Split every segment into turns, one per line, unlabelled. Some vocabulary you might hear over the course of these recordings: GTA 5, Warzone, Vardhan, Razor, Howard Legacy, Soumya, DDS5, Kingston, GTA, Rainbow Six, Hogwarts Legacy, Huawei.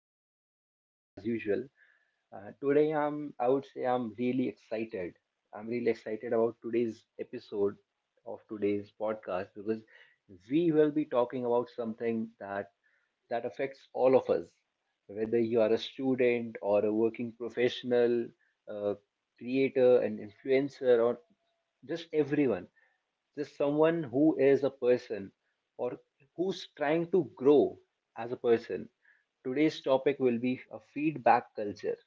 host for the evening as usual. Today I would say I'm really excited about today's episode of today's podcast because we will be talking about something that affects all of us, whether you are a student or a working professional, a creator, an influencer, or just everyone, just someone who is a person or who's trying to grow as a person. Today's topic will be a feedback culture.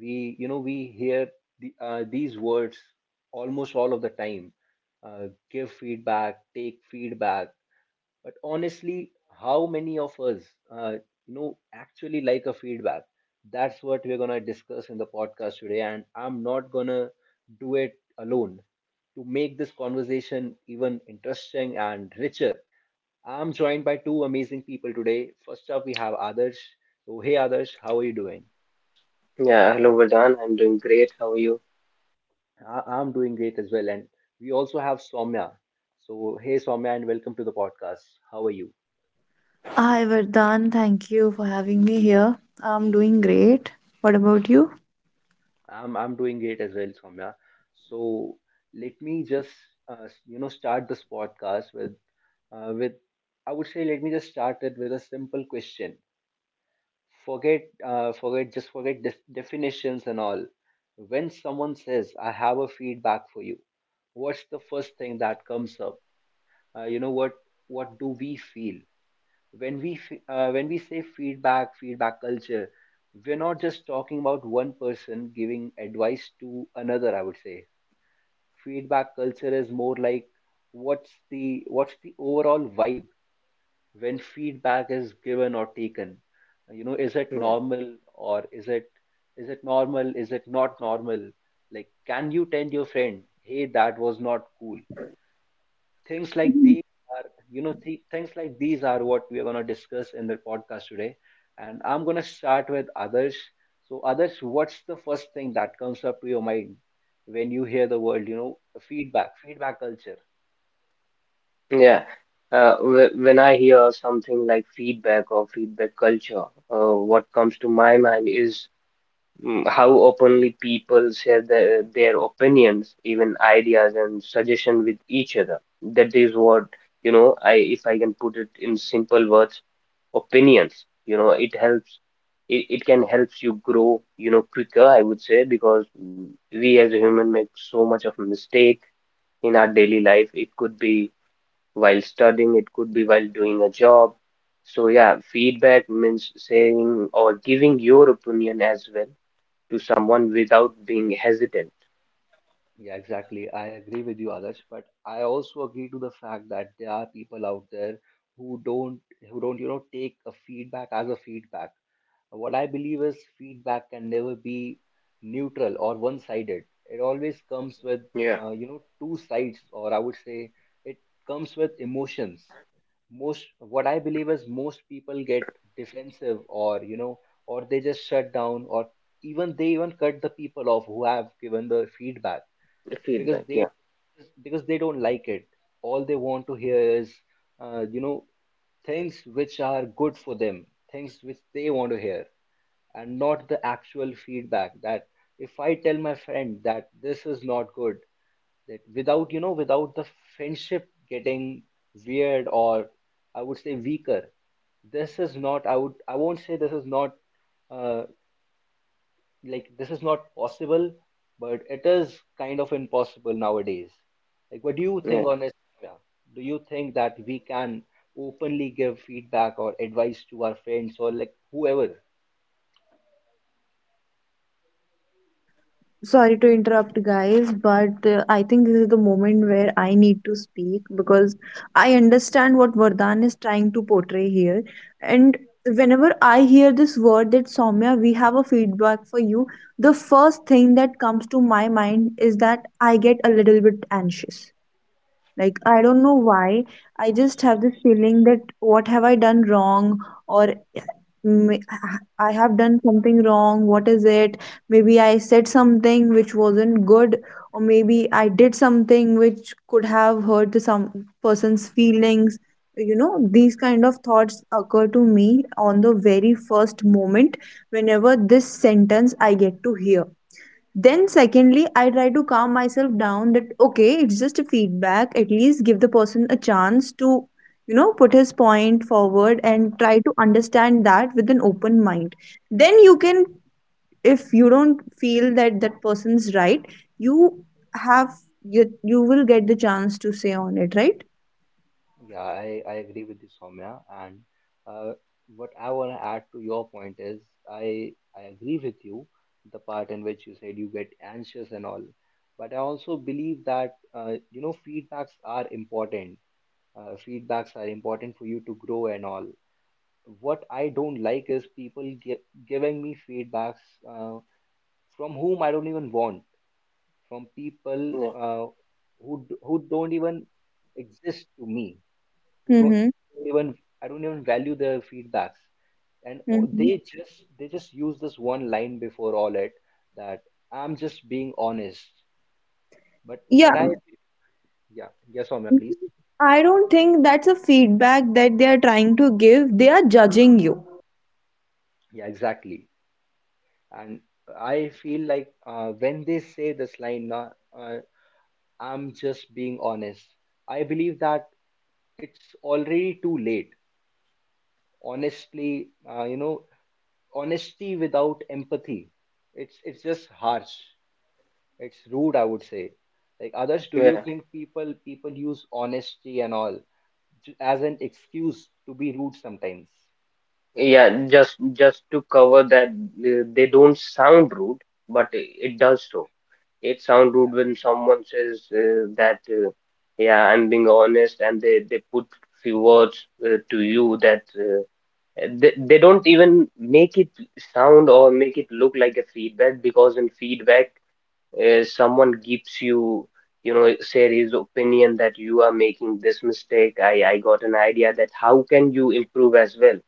We you know we hear these words almost all of the time. Give feedback, take feedback. But honestly, how many of us uh, actually like a feedback? That's what we're gonna discuss in the podcast today, and I'm not gonna do it alone. To make this conversation even interesting and richer, I'm joined by two amazing people today. First up we have Adarsh. So hey Adarsh, how are you doing?
Yeah, hello Vardhan. I'm doing great. How are you?
I'm doing great as well. And we also have Soumya. So, hey, Soumya, and welcome to the podcast. How are you?
Hi, Vardhan. Thank you for having me here. I'm doing great. What about you?
I'm doing great as well, Soumya. So, let me just start this podcast with, uh, with, I would say, let me just start it with a simple question. Just forget definitions and all. When someone says, I have a feedback for you, what's the first thing that comes up? Uh, you know, what, what do we feel? When when we say feedback feedback culture, we're not just talking about one person giving advice to another. I would say feedback culture is more like, what's the overall vibe when feedback is given or taken. You know, is it
Yeah.
normal, or is it normal, is it not normal? Like, can you tell your friend, hey, that was not cool? Things like
Mhm.
these are, you know, things like these are what we are going to discuss in the podcast today. And I'm going to start with others. So others, what's the first thing that comes up to your mind when you hear the word, you know, feedback feedback culture?
Yeah. When I hear something like feedback or feedback culture, what comes to my mind is how openly people share their opinions, even ideas and suggestions with each other. That is what, I if I can put it in simple words, opinions. It helps. It can help you grow, quicker, I would say, because we as a human make so much of a mistake in our daily life. It could be while studying, it could be while doing a job. So, yeah, feedback means saying or giving your opinion as well to someone without being hesitant.
Yeah, exactly, I agree with you, others. But I also agree to the fact that there are people out there who don't who don't you know take a feedback as a feedback. What I believe is feedback can never be neutral or one-sided. It always comes with,
Yeah,
two sides, or I would say it comes with emotions. Most, what I believe is most people get defensive, or, you know, or they just shut down, or even cut the people off who have given the feedback,
the
because
feedback.
they,
Yeah,
because they don't like it. All they want to hear is, uh, you know, things which are good for them, things which they want to hear, and not the actual feedback. That if I tell my friend that this is not good, that without, you know, without the friendship getting weird, or I would say weaker, this is not, I would, I won't say this is not, uh, like this is not possible, but it is kind of impossible nowadays. Like, what do you think
yeah,
on this? Yeah. Do you think that we can openly give feedback or advice to our friends or like whoever?
Sorry to interrupt, guys, but I think this is the moment where I need to speak because I understand what Vardhan is trying to portray here. And whenever I hear this word that Soumya, we have a feedback for you, the first thing that comes to my mind is that I get a little bit anxious. Like, I don't know why. I just have this feeling that what have I done wrong? Or have done something wrong. What is it? Maybe I said something which wasn't good, or maybe I did something which could have hurt some person's feelings. You know, these kind of thoughts occur to me on the very first moment whenever this sentence I get to hear. Then, secondly, I try to calm myself down that okay, it's just a feedback. At least give the person a chance to, you know, put his point forward and try to understand that with an open mind. Then you can, if you don't feel that that person's right, you have you will get the chance to say on it, right?
Yeah, I agree with you, Soumya. And uh, what I want to add to your point is, I agree with you the part in which you said you get anxious and all. But I also believe that you know feedbacks are important, feedbacks are important for you to grow and all. What I don't like is people giving me feedbacks, uh, from whom I don't even want, from people
yeah,
uh, who don't even exist to me, who don't
Mm-hmm.
even, I don't even value their feedbacks. And
Mm-hmm.
they just, they just use this one line before all it, that I'm just being honest. But
Yeah.
what I, yeah, yes Soumya,
Mhm.
please.
I don't think that's a feedback that they are trying to give. They are judging you.
Yeah exactly. And I feel like when they say this line, na, uh, I'm just being honest, I believe that it's already too late. Honestly, honesty without empathy, it's just harsh. It's rude, I would say. Like others, do you
yeah.
think people use honesty and all as an excuse to be rude sometimes?
Yeah, just to cover that, they don't sound rude, but it does so. It sound rude when someone says that, yeah, I'm being honest, and they put few words to you that uh, they don't even make it sound or make it look like a feedback, because in feedback someone gives you you know share his opinion that you are making this mistake. I got an idea that how can you improve as well.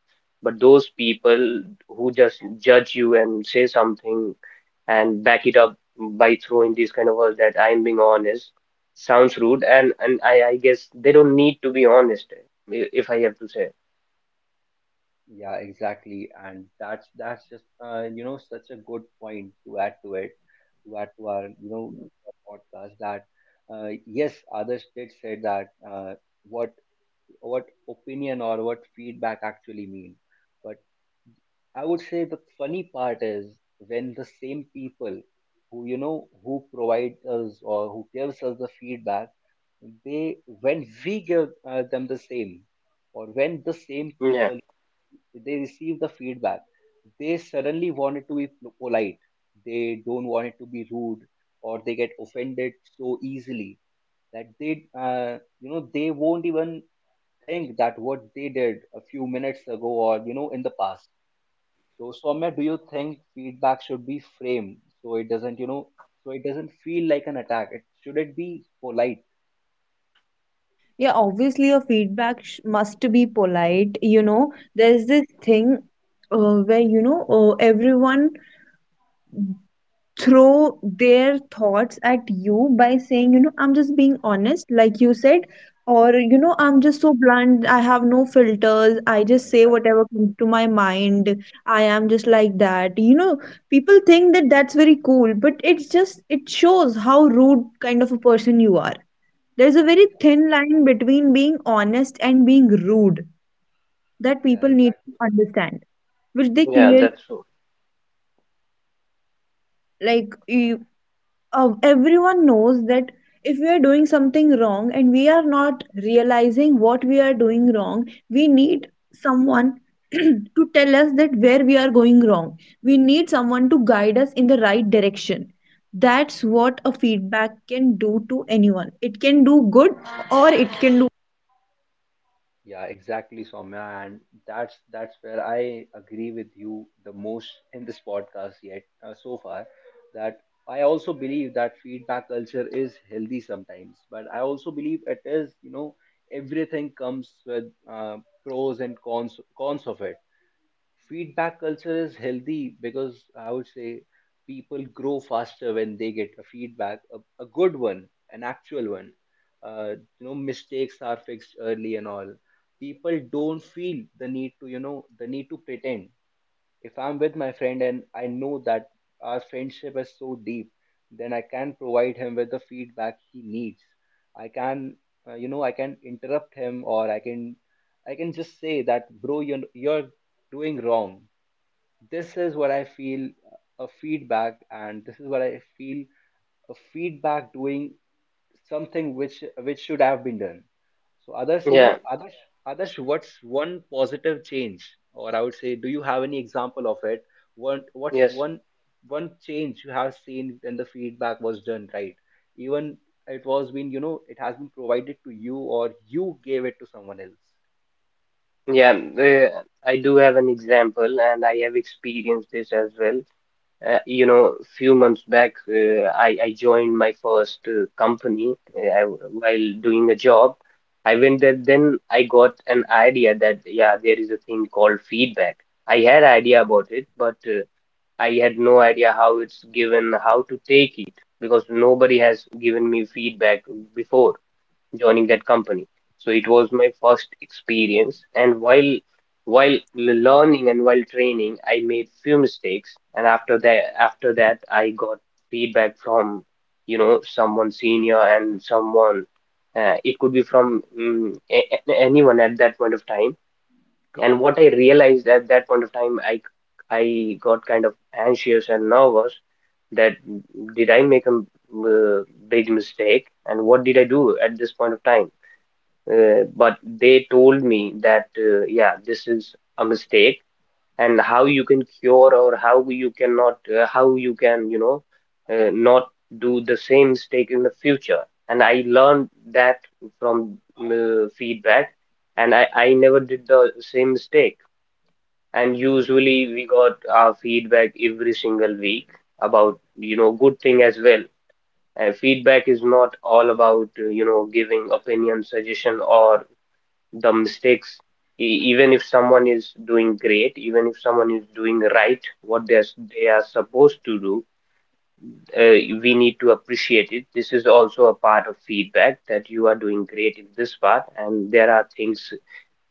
But those people who just judge you and say something and back it up by throwing these kind of words that I'm being honest, sounds rude. And I guess they don't need to be honest, if I have to say.
Yeah, exactly, and that's just, you know, such a good point to add to it, to add to our you know our podcast. That yes, others did say that what what opinion or what feedback actually mean, but I would say the funny part is when the same people who, you know, who provide us or who gives us the feedback, they when we give them the same, or when the same
Yeah,
people they receive the feedback, they suddenly want it to be polite, they don't want it to be rude, or they get offended so easily, that they they won't even think that what they did a few minutes ago or you know in the past. So Soumya, do you think feedback should be framed so it doesn't, you know, so it doesn't feel like an attack? It should it be polite?
Yeah, obviously, your feedback must be polite. You know, there's this thing uh, where, everyone throw their thoughts at you by saying, you know, I'm just being honest, like you said, or, you know, I'm just so blunt. I have no filters. I just say
Exactly.
whatever comes to my mind. I am just like that. You know, people think that that's very cool, but it's just, it shows how rude kind of a person you are. There's a very thin line between being honest and being rude that
Yeah,
people need to
exactly.
understand, which they
yeah,
clearly
Okay.
that's true.
like. Everyone knows that if we are doing something wrong and we are not realizing what we are doing wrong, we need someone to tell us that where we are going wrong. We need someone to guide us in the right direction. That's what a feedback can do to anyone. It can do good, or it can.
Yeah, exactly, Soumya, and that's where I agree with you the most in this podcast yet, so far. That I also believe that feedback culture is healthy sometimes, but I also believe it is, you know, everything comes with pros and cons, cons of it. Feedback culture is healthy because I would say people grow faster when they get a feedback, a good one, an actual one. You know, mistakes are fixed early and all. People don't feel the need to, you know, the need to pretend. If I'm with my friend and I know that our friendship is so deep, then I can provide him with the feedback he needs. I can, I can interrupt him, or I can just say that, bro, you're doing wrong. This is what I feel a feedback, and this is what I feel a feedback doing, something which should have been done. So others, you
Yeah,
know, others, what's one positive change, or I would say, do you have any example of it? What, what's
yes,
one, one change you have seen when the feedback was done right, even it was been, you know, it has been provided to you, or you gave it to someone else?
yeah. I do have an example, and I have experienced this as well. Few months back, I joined my first company while doing a job. I went there, then I got an idea that yeah, there is a thing called feedback. I had idea about it, but I had no idea how it's given, how to take it, because nobody has given me feedback before joining that company. So it was my first experience, and while learning and while training, I made few mistakes, and after that I got feedback from, someone senior and someone, it could be from, anyone at that point of time. And what I realized at that point of time, I got kind of anxious and nervous that did I make a uh, big mistake, and what did I do at this point of time? But they told me that, yeah, this is a mistake and how you can cure or how you cannot, how you can you know not do the same mistake in the future. And I learned that from feedback, and I never did the same mistake. And usually we got our feedback every single week about, good thing as well. Feedback is not all about, giving opinion, suggestion, or the mistakes. Even if someone is doing great, even if someone is doing right what they are supposed to do, uh, we need to appreciate it. This is also a part of feedback, that you are doing great in this part, and there are things,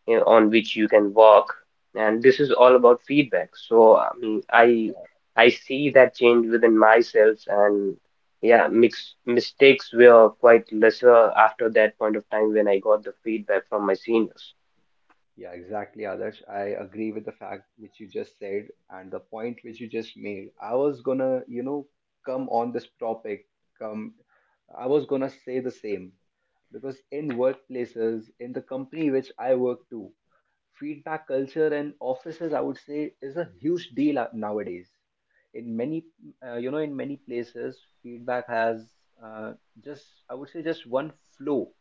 on which you can work. And this is all about feedback. So I mean I see that change within myself, and yeah, mistakes were quite lesser after that point of time when I got the feedback from my seniors.
Yeah, exactly, Adarsh. I agree with the fact which you just said and the point which you just made. I was gonna, you know, come on this topic. Come, I was gonna say the same, because in workplaces, in the company which I work to, feedback culture and offices, I would say, is a huge deal nowadays. In many, in many places, feedback has uh, just, I would say, just one flow,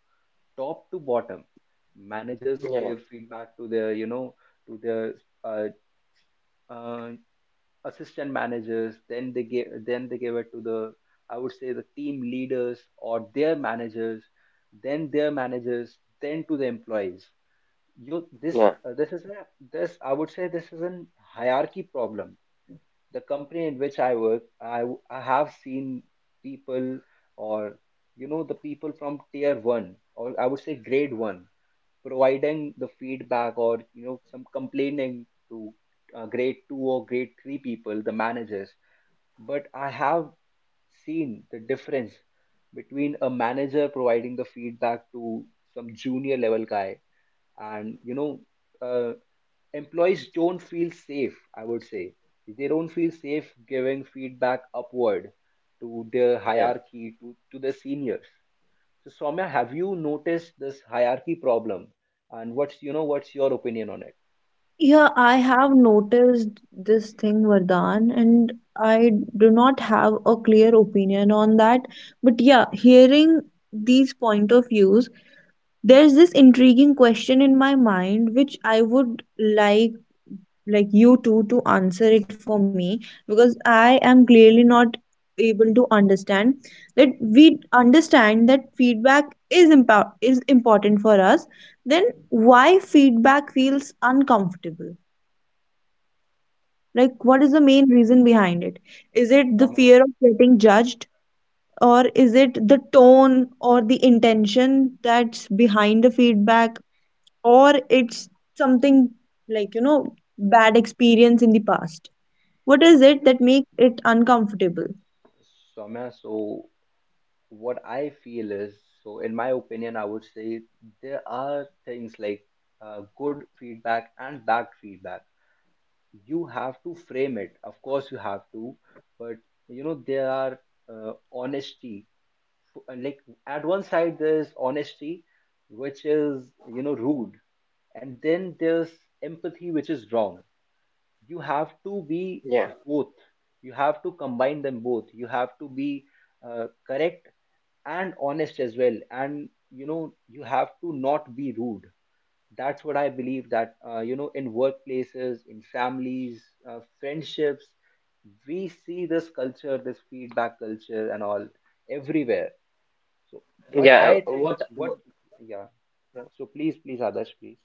top to bottom. Managers
Yeah.
give feedback to their, you know, to their uh, uh, assistant managers. Then they give it to the, I would say, the team leaders or their managers. Then their managers. Then to the employees. You this
Yeah,
this is a, this I would say this is an hierarchy problem. The company in which I work, I have seen people, or you know, the people from tier one, or I would say grade one, providing the feedback, or you know, some complaining to grade two or grade three people, the managers. But I have seen the difference between a manager providing the feedback to some junior level guy, and you know, uh, employees don't feel safe, I would say. They don't feel safe giving feedback upward to their
yeah,
hierarchy, to the seniors. So Soumya, have you noticed this hierarchy problem, and what's, you know, what's your opinion on it?
Yeah, I have noticed this thing, Vardhan, and I do not have a clear opinion on that. But yeah, hearing these point of views, there's this intriguing question in my mind which I would like you two to answer it for me because I am clearly not able to understand that we understand that feedback is is important for us, then why feedback feels uncomfortable? Like, what is the main reason behind it? Is it the
soumya,
fear of getting judged, or is it the tone or the intention that's behind the feedback, or it's something like, you know, bad experience in the past? What is it that makes it uncomfortable?
Soumya, so what I feel is, so in my opinion I would say there are things like good feedback and bad feedback. You have to frame it, of course you have to. But you know there are honesty, like at one side there's honesty, which is you know rude, and then there's empathy which is wrong. You have to be
yeah,
both, you have to combine them both, you have to be correct and honest as well, and you know you have to not be rude. That's what I believe, that, you know, in workplaces, in families, friendships, we see this culture, this feedback culture and all, everywhere. So what
yeah.
I think, what, yeah.
Uh,
So please, please.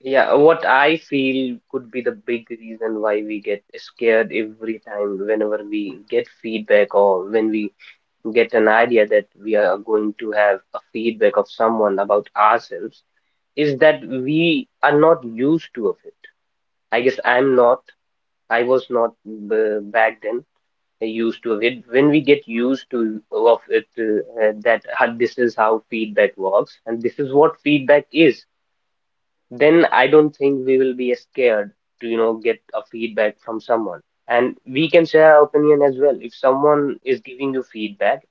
yeah, what I feel could be the big reason why we get scared every time whenever we get feedback, or when we get an idea that we are going to have a feedback of someone about ourselves, is that we are not used to of it. I guess I'm not. I was not b back then used to it. When we get used to of it, this is how feedback works, and this is what feedback is, then I don't think we will be scared to, get a feedback from someone. And we can share our opinion as well. If someone is giving you feedback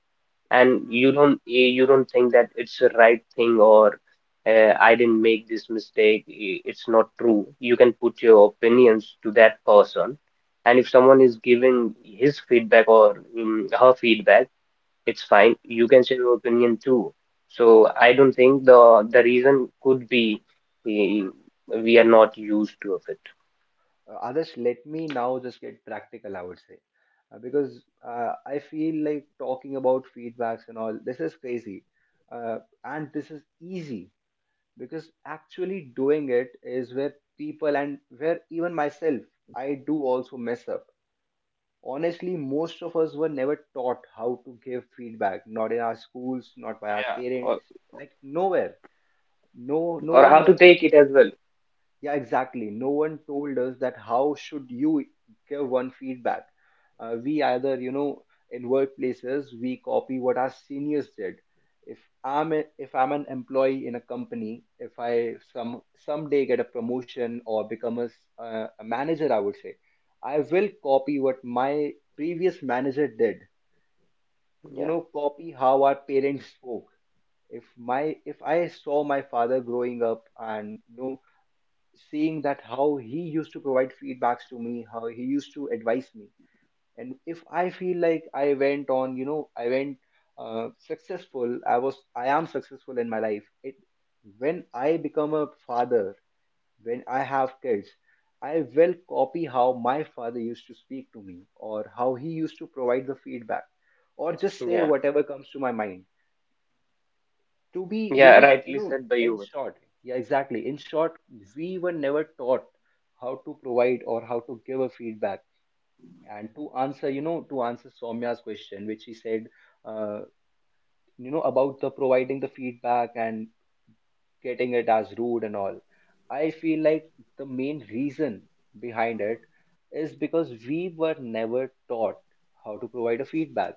and you don't you don't think that it's the right thing, or I didn't make this mistake, it's not true, you can put your opinions to that person. And if someone is giving his feedback or her feedback, it's fine. You can share your opinion too. So I don't think the reason could be, eh, we are not used to of it.
Adarsh, let me now just get practical, I would say. Because I feel like talking about feedbacks and all, this is crazy. And this is easy because actually doing it is where people and where even myself, I do also mess up. Honestly, most of us were never taught how to give feedback, not in our schools, not by our
Yeah, or
parents, like nowhere. no no
how
one
to take it as well.
Yeah, exactly. No one told us that how should you give one feedback. We either, in workplaces, we copy what our seniors did. If I'm an employee in a company, if I someday get a promotion or become a manager, I would say, I will copy what my previous manager did. You
Yeah,
know, copy how our parents spoke. If I saw my father growing up and, you know, seeing that how he used to provide feedbacks to me, how he used to advise me, and if I feel like I went on, you know, I went successful I was I am successful in my life, it, when I become a father, when I have kids, I will copy how my father used to speak to me or how he used to provide the feedback, or just say
yeah,
whatever comes to my mind, to be
yeah.
really, you
Rightly
know,
said by
in
you.
short. Yeah, exactly, in short, we were never taught how to provide or how to give a feedback. And to answer, to answer Soumya's question which she said, uh, you know, about the providing the feedback and getting it as rude and all, I feel like the main reason behind it is because we were never taught how to provide a feedback.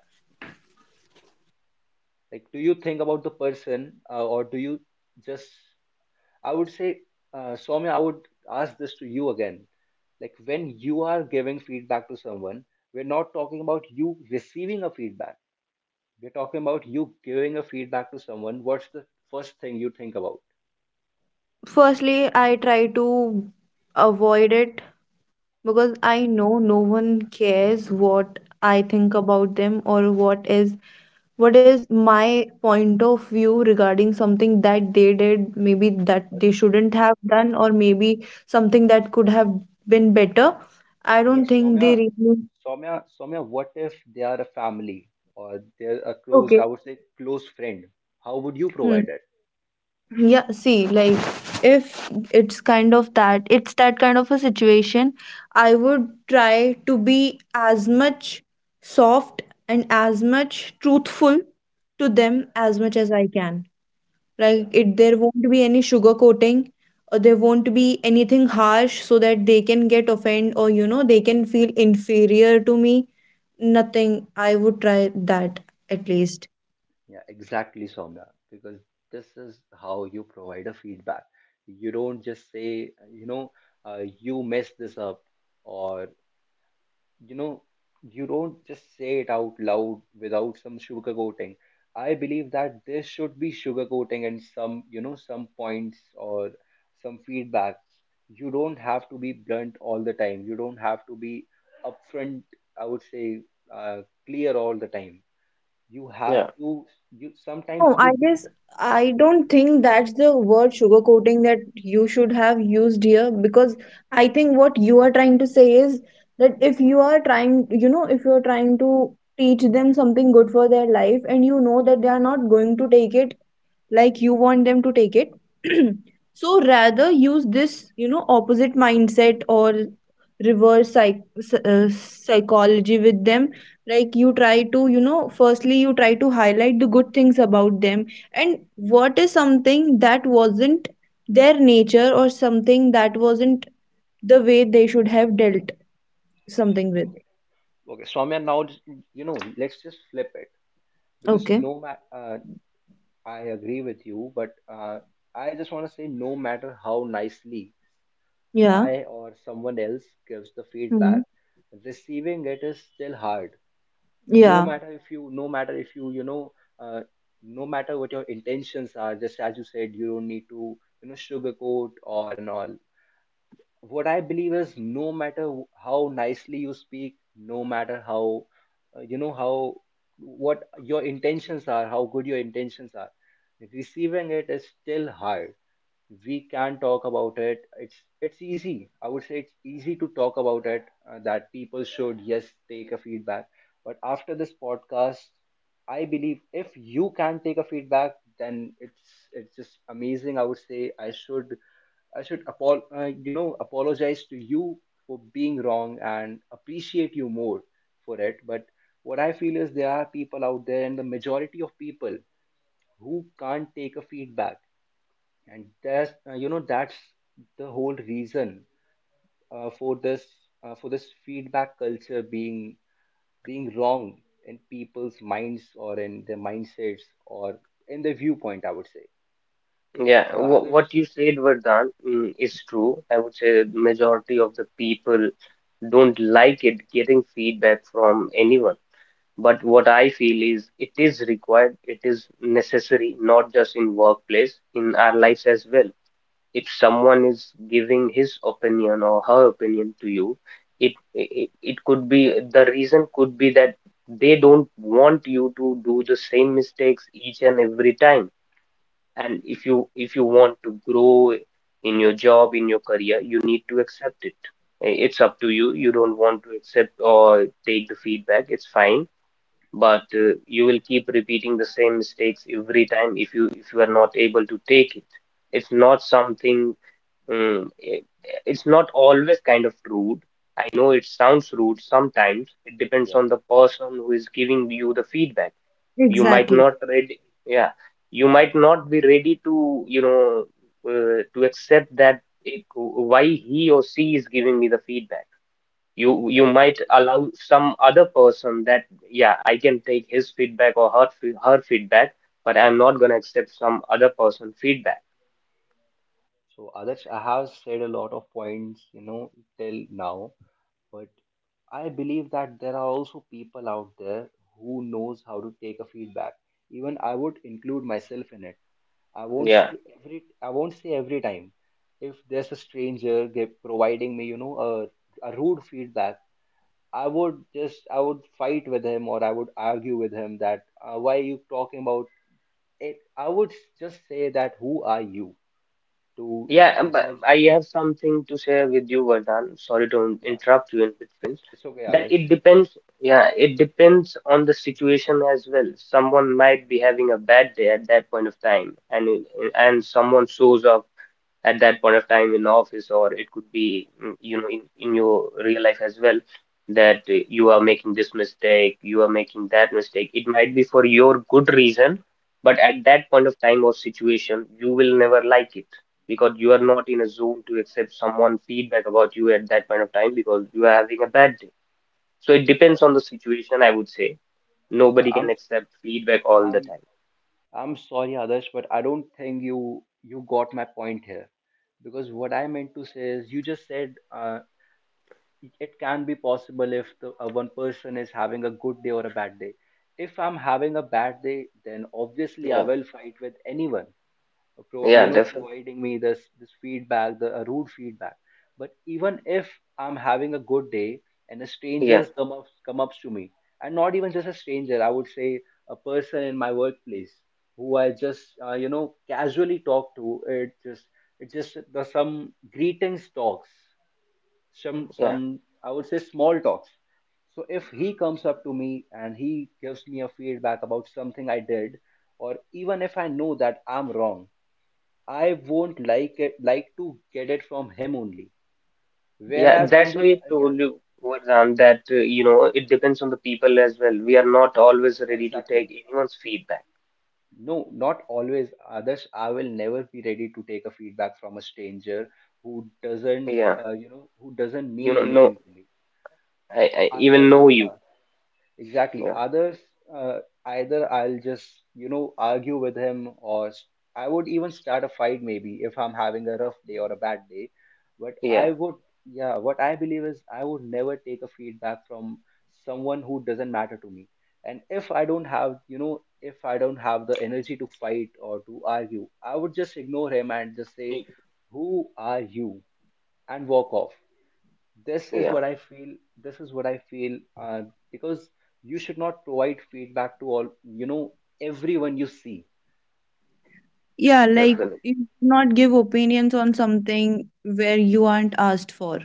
Like, do you think about the person, or do you just, I would say, Swami, I would ask this to you again. Like, when you are giving feedback to someone, we're not talking about you receiving a feedback. We're talking about you giving a feedback to someone. What's the first thing you think about?
Firstly, I try to avoid it because I know no one cares what I think about them or what is my point of view regarding something that they did, maybe that
But
they shouldn't have done, or maybe something that could have been better. I
but
don't think they
Soumya,
really.
Soumya, what if they are a family or they're a close,
Okay.
I would say, close friend? How would you
Hmm.
provide it?
Yeah, see, like if it's kind of that, it's that kind of a situation, I would try to be as much soft and as much truthful to them as much as I can. Like, it there won't be any sugar coating or there won't be anything harsh so that they can get offended or you know they can feel inferior to me. Nothing. I would try that at least.
Yeah, exactly, Soumya, because this is how you provide a feedback. You don't just say, you know, you messed this up, or, you know, you don't just say it out loud without some sugarcoating. I believe that there should be sugarcoating and some, you know, some points or some feedbacks. You don't have to be blunt all the time. You don't have to be upfront, I would say, clear all the time. You have
Yeah.
to, you sometimes
No,
you
I
do.
guess I don't think that's the word sugarcoating that you should have used here because I think what you are trying to say is that if you are trying, you know, if you're trying to teach them something good for their life and you know that they are not going to take it like you want them to take it so rather use this you know opposite mindset or reverse psychology with them, like you try to, you know, firstly you try to highlight the good things about them and what is something that wasn't their nature or something that wasn't the way they should have dealt something with.
Okay, okay, Swamya, now just, you know, let's just flip it because
Okay.
no matter, I agree with you, but, I just want to say, no matter how nicely
Yeah.
I or someone else gives the
Hmm.
feedback, receiving it is still hard. no
Yeah,
matter if you no matter if you you know, uh, no matter what your intentions are, just as you said, you don't need to, you know, sugarcoat or and all. What I believe is, no matter how nicely you speak, no matter how, you know how, what your intentions are, how good your intentions are, receiving it is still hard. We can talk about it. It's easy, I would say, it's easy to talk about it, that people should, yes, take a feedback. But after this podcast, I believe if you can take a feedback, then it's just amazing. I would say, I should you know, apologize to you for being wrong and appreciate you more for it. But what I feel is, there are people out there, and the majority of people who can't take a feedback. And that's, you know, that's the whole reason, uh, for this, for this feedback culture being, being wrong in people's minds, or in their mindsets, or in their viewpoint, I would say. Like,
Yeah, wh-
others,
what you said, Vardhan, is true. I would say majority of the people don't like it, getting feedback from anyone. But what I feel is it is required, it is necessary, not just in workplace, in our lives as well. If someone is giving his opinion or her opinion to you, it could be, the reason could be, that they don't want you to do the same mistakes each and every time. And if you want to grow in your job, in your career, you need to accept it. It's up to you. You don't want to accept or take the feedback, it's fine. But you will keep repeating the same mistakes every time if you are not able to take it. It's not something, um, i- it's not always kind of rude. I know it sounds rude sometimes, it depends on
yeah,
the person who is giving you the feedback. You might
exactly.
not ready Yeah, you might not be ready to you know to accept why he or she is giving me the feedback. You
yeah,
might
exactly.
allow some other person that, yeah, I can take his feedback or her feedback, but I'm not going to accept some other person feedback.
So others, I have said a lot of points, you know, till now, but I believe that there are also people out there who knows how to take a feedback. Even I would include myself in it. I won't
Yeah.
say every I won't say every time. If there's a stranger give, providing me, you know, a rude feedback, I would just, I would fight with him, or I would argue with him, that, why are you talking about it? I would just say, that, who are you to
Yeah, but
judge?
I have something to share with you, Vardhan. Sorry to in-
Yeah,
interrupt you in between.
it's okay,
That
Alish.
it depends. Yeah, it depends on the situation as well. Someone might be having a bad day at that point of time, and and someone shows up at that point of time in office, or it could be, in your real life as well, that you are making this mistake, you are making that mistake. It might be for your good reason, but at that point of time or situation, you will never like it because you are not in a zone to accept someone feedback about you at that point of time because you are having a bad day. So it
Uh,
depends on the situation, I would say. Nobody can
I'm
accept feedback all the
I'm
time.
I'm sorry, Adarsh, but I don't think you, you got my point here. Because what I meant to say is, you just said, it, it can be possible if the, one person is having a good day or a bad day. If I'm having a bad day, then obviously I
Yeah,
will fight with anyone pro,
yeah,
you know,
definitely.
providing me this, this feedback, the, rude feedback. But even if I'm having a good day, and a
Yeah,
stranger's come up come up to me, and not even just a stranger, I would say a person in my workplace, who I just, you know, casually talk to, it just, it just the some greetings talks, some
yeah.
some I would say, small talks. So if he comes up to me and he gives me a feedback about something I did, or even if I know that I'm wrong, I won't like it, like to get it from him only.
Yeah,
Whereas on
that's why
the,
I
yeah,
told you, Varan, that it depends on the people as well. We are not always ready to
exactly.
take anyone's feedback.
No, not always. Others, I will never be ready to take a feedback from a stranger who doesn't,
Yeah,
you know, who doesn't mean
no,
anything to me.
I even
Other,
know you.
yeah, exactly.
Yeah,
Others, uh, either I'll just, you know, argue with him, or s-, I would even start a fight maybe if I'm having a rough day or a bad day. But
yeah,
I would, yeah, what I believe is, I would never take a feedback from someone who doesn't matter to me. And if I don't have, you know, if I don't have the energy to fight or to argue, I would just ignore him and just say,
Y-
who are you? And walk off. This is
yeah,
what I feel. This is what I feel, because you should not provide feedback to all, you know, everyone you see.
Yeah, like
definitely.
you do not give opinions on something where you aren't asked for.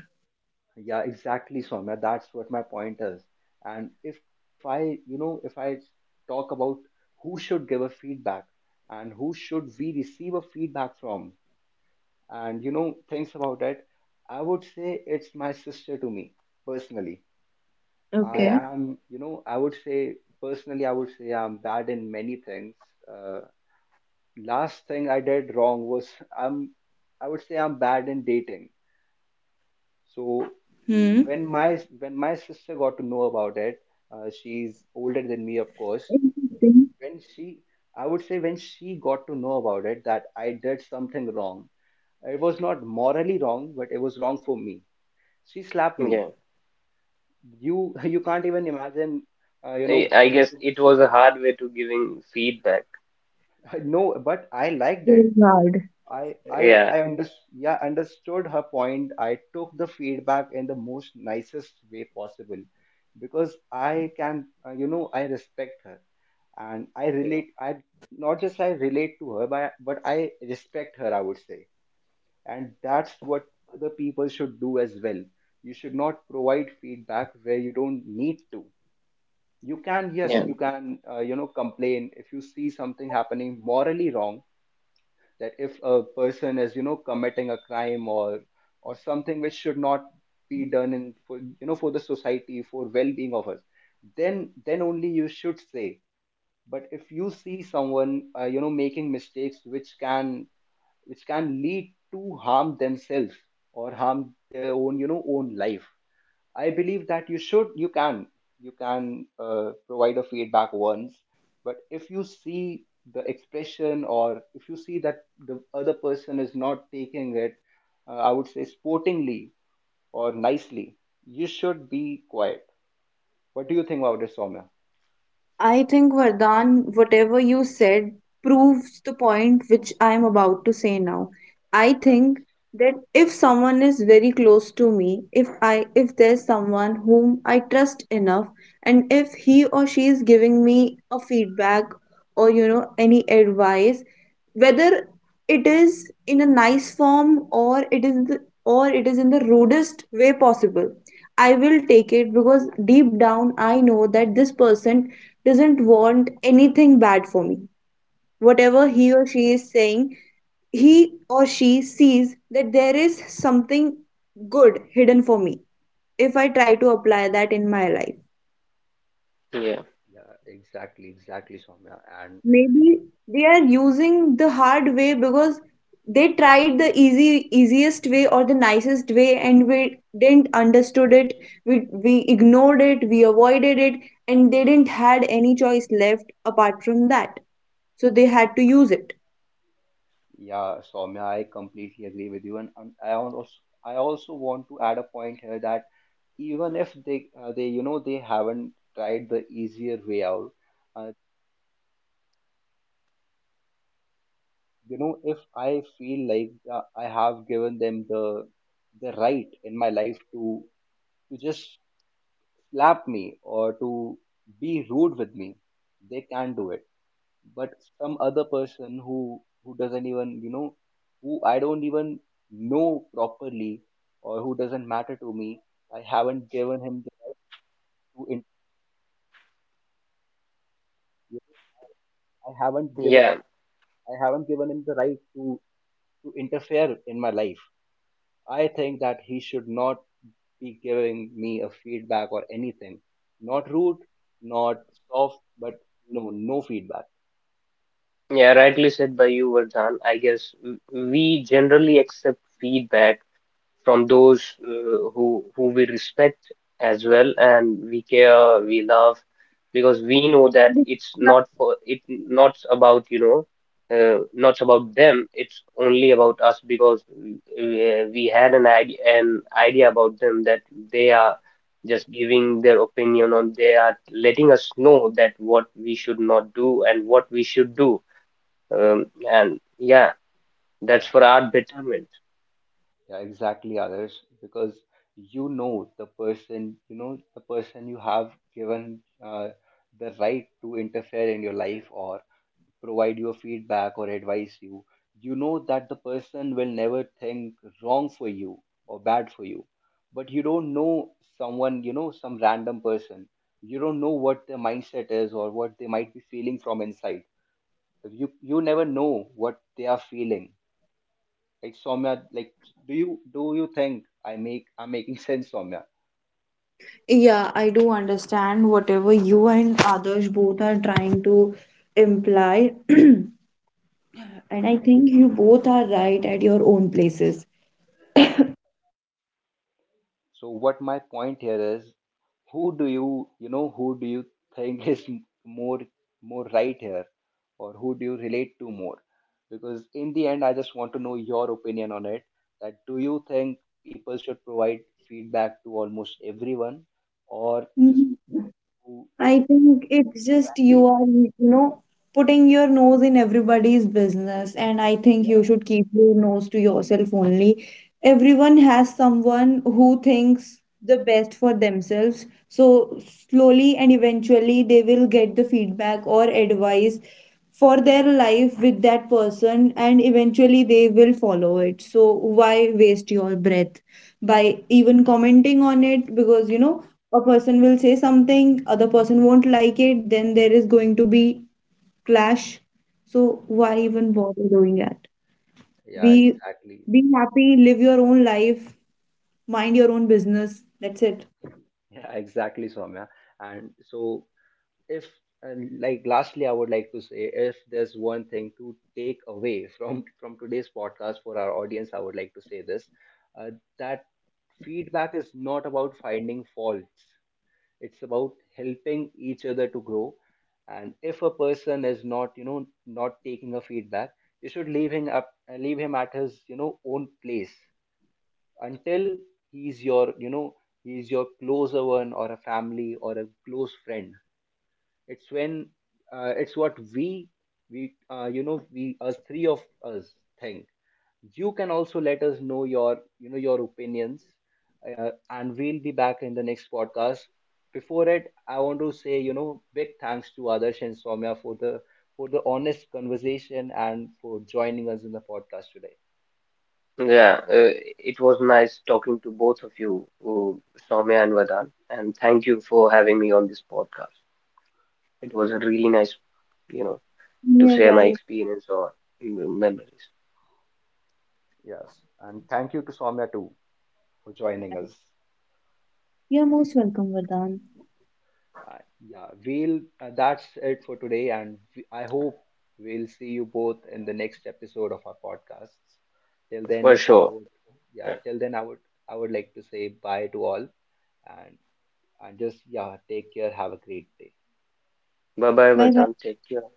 Yeah, exactly, Soumya, that's what my point is. And if I, you know, if I talk about who should give a feedback and who should we receive a feedback from, and, you know, thinks about it, I would say it's my sister to me, personally. I
Yeah,
Okay.
am, you know, I would say, personally, I would say I'm bad in many things. uh, Last thing I did wrong was, I'm I would say I'm bad in dating. So
Hmm.
when my sister got to know about it, she's older than me, of course.
Interesting.
When she, I would say, when she got to know about it, that I did something wrong, it was not morally wrong, but it was wrong for me, she slapped me.
yeah.
You you can't even imagine, you
I,
know,
I guess it was a
sugar.
hard way to giving feedback.
No, but I liked
Very
it.
hard.
I I
Yeah.
I under, yeah, understood her point. I took the feedback in the most nicest way possible, because I can, you know, I respect her. And I relate I not just I relate to her, but I respect her, I would say. And that's what other people should do as well. You should not provide feedback where you don't need to. You can, yes, you can, you know, complain if you see something happening morally wrong, that if a person is, you know, committing a crime, or something which should not be done in, for, you know, for the society, for well-being of us, then only you should say. But if you see someone, you know, making mistakes which can, which can lead to harm themselves, or harm their own, you know, own life, I believe that you should, you can, you can, provide a feedback once. But if you see the expression, or if you see that the other person is not taking it, I would say, sportingly or nicely, you should be quiet. What do you think about this, Soumya?
I think Vardhan, whatever you said proves the point which I am about to say now. I
Yeah,
think that if someone is very close to me, if I if there's someone whom I trust enough and if he or she is giving me a feedback or you know any advice, whether it is in a nice form or it is the, or it is in the rudest way possible, I will take it because deep down I know that this person doesn't want anything bad for me. Whatever he or she is saying, he or she sees that there is something good hidden for me if I try to apply that in my life.
Yeah,
yeah, exactly, Soumya. And,
Maybe they are using the hard way because they tried the easy easiest way or the nicest way and we didn't understood it, we ignored it, we avoided it, and they didn't had any choice left apart from that, so they had to use it.
yeah, Soumya, I completely agree with you. And, I want also, I also want to add a point here, that even if they, they you know, they haven't tried the easier way out, uh, you know, if I feel like, I have given them the right in my life to just slap me or to be rude with me, they can do it. But some other person who doesn't even, you know, who I don't even know properly, or who doesn't matter to me, I haven't given him the right to in, i haven't given
yeah,
I haven't given him the right to interfere in my life. I think that he should not be giving me a feedback or anything, not rude, not soft, but no, no feedback.
yeah, rightly said by you, Vardhan. I guess we generally accept feedback from those who we respect as well, and we care, we love, because we know that it's not, for it not about, not about them, it's only about us, because we had an idea about them, that they are just giving their opinion on they are letting us know that what we should not do and what we should do. um,
Yeah,
and yeah, that's
yeah.
for our betterment.
Yeah, exactly, Others, because you know the person, you know the person you have given, the right to interfere in your life, or provide your feedback, or advise you. You know that the person will never think wrong for you or bad for you, but you don't know someone, you know, some random person. You don't know what their mindset is, or what they might be feeling from inside. You never know what they are feeling, like, Soumya, like, do you think I make, I'm making sense, Soumya?
Yeah, I do understand whatever you and others both are trying to imply and I think you both are right at your own places.
So what my point here is, who do you, you know, who do you think is more right here, or who do you relate to more? Because in the end, I just want to know your opinion on it. That, do you think people should provide feedback to almost everyone, or just
Mhm.
who,
I
you know,
think it's
who
just
value
you
you?
are, you know, putting your nose in everybody's business, and I think you
Yeah,
should keep your nose to yourself only. Everyone has someone who thinks the best for themselves. So slowly and eventually they will get the feedback or advice for their life with that person, and eventually they will follow it. So why waste your breath by even commenting on it? Because you know a person will say something, other person won't like it, then there is going to be clash. So why
yeah,
even bother doing that?
yeah,
be
exactly.
be happy, live your own life, mind your own business, that's it.
Yeah, exactly, Soumya. And so, if, and, like, lastly, I would like to say, if there's one thing to take away from today's podcast for our audience, I would like to say this, uh, that feedback is not about finding faults, it's about helping each other to grow. And if a person is not, you know, not taking a feedback, you should leave him up, leave him at his, you know, own place, until he's your, you know, he's your closer one, or a family, or a close friend. It's when, it's what we, you know, we, us three of us think. You can also let us know your, you know, your opinions, and we'll be back in the next podcast. Before it, I want to say, you know, big thanks to Adarsh and Soumya for the, for the honest conversation and for joining us in the podcast today.
Yeah, it was nice talking to both of you, Soumya and Vardhan, and thank you for having me on this podcast. It was a really nice, you know, to
Yeah,
share my
guys.
experience or memories.
Yes. And thank you to Soumya too for joining us.
You're most welcome, Vardhan.
Yeah, we'll, that's it for today. And I hope we'll see you both in the next episode of our podcasts. Till
For
then, I
sure.
would, yeah,
Yeah.
till then, I would like to say bye to all, and, and just, yeah, take care. Have a great day.
Bye bye,
Bye bye.
Vardhan. Take care.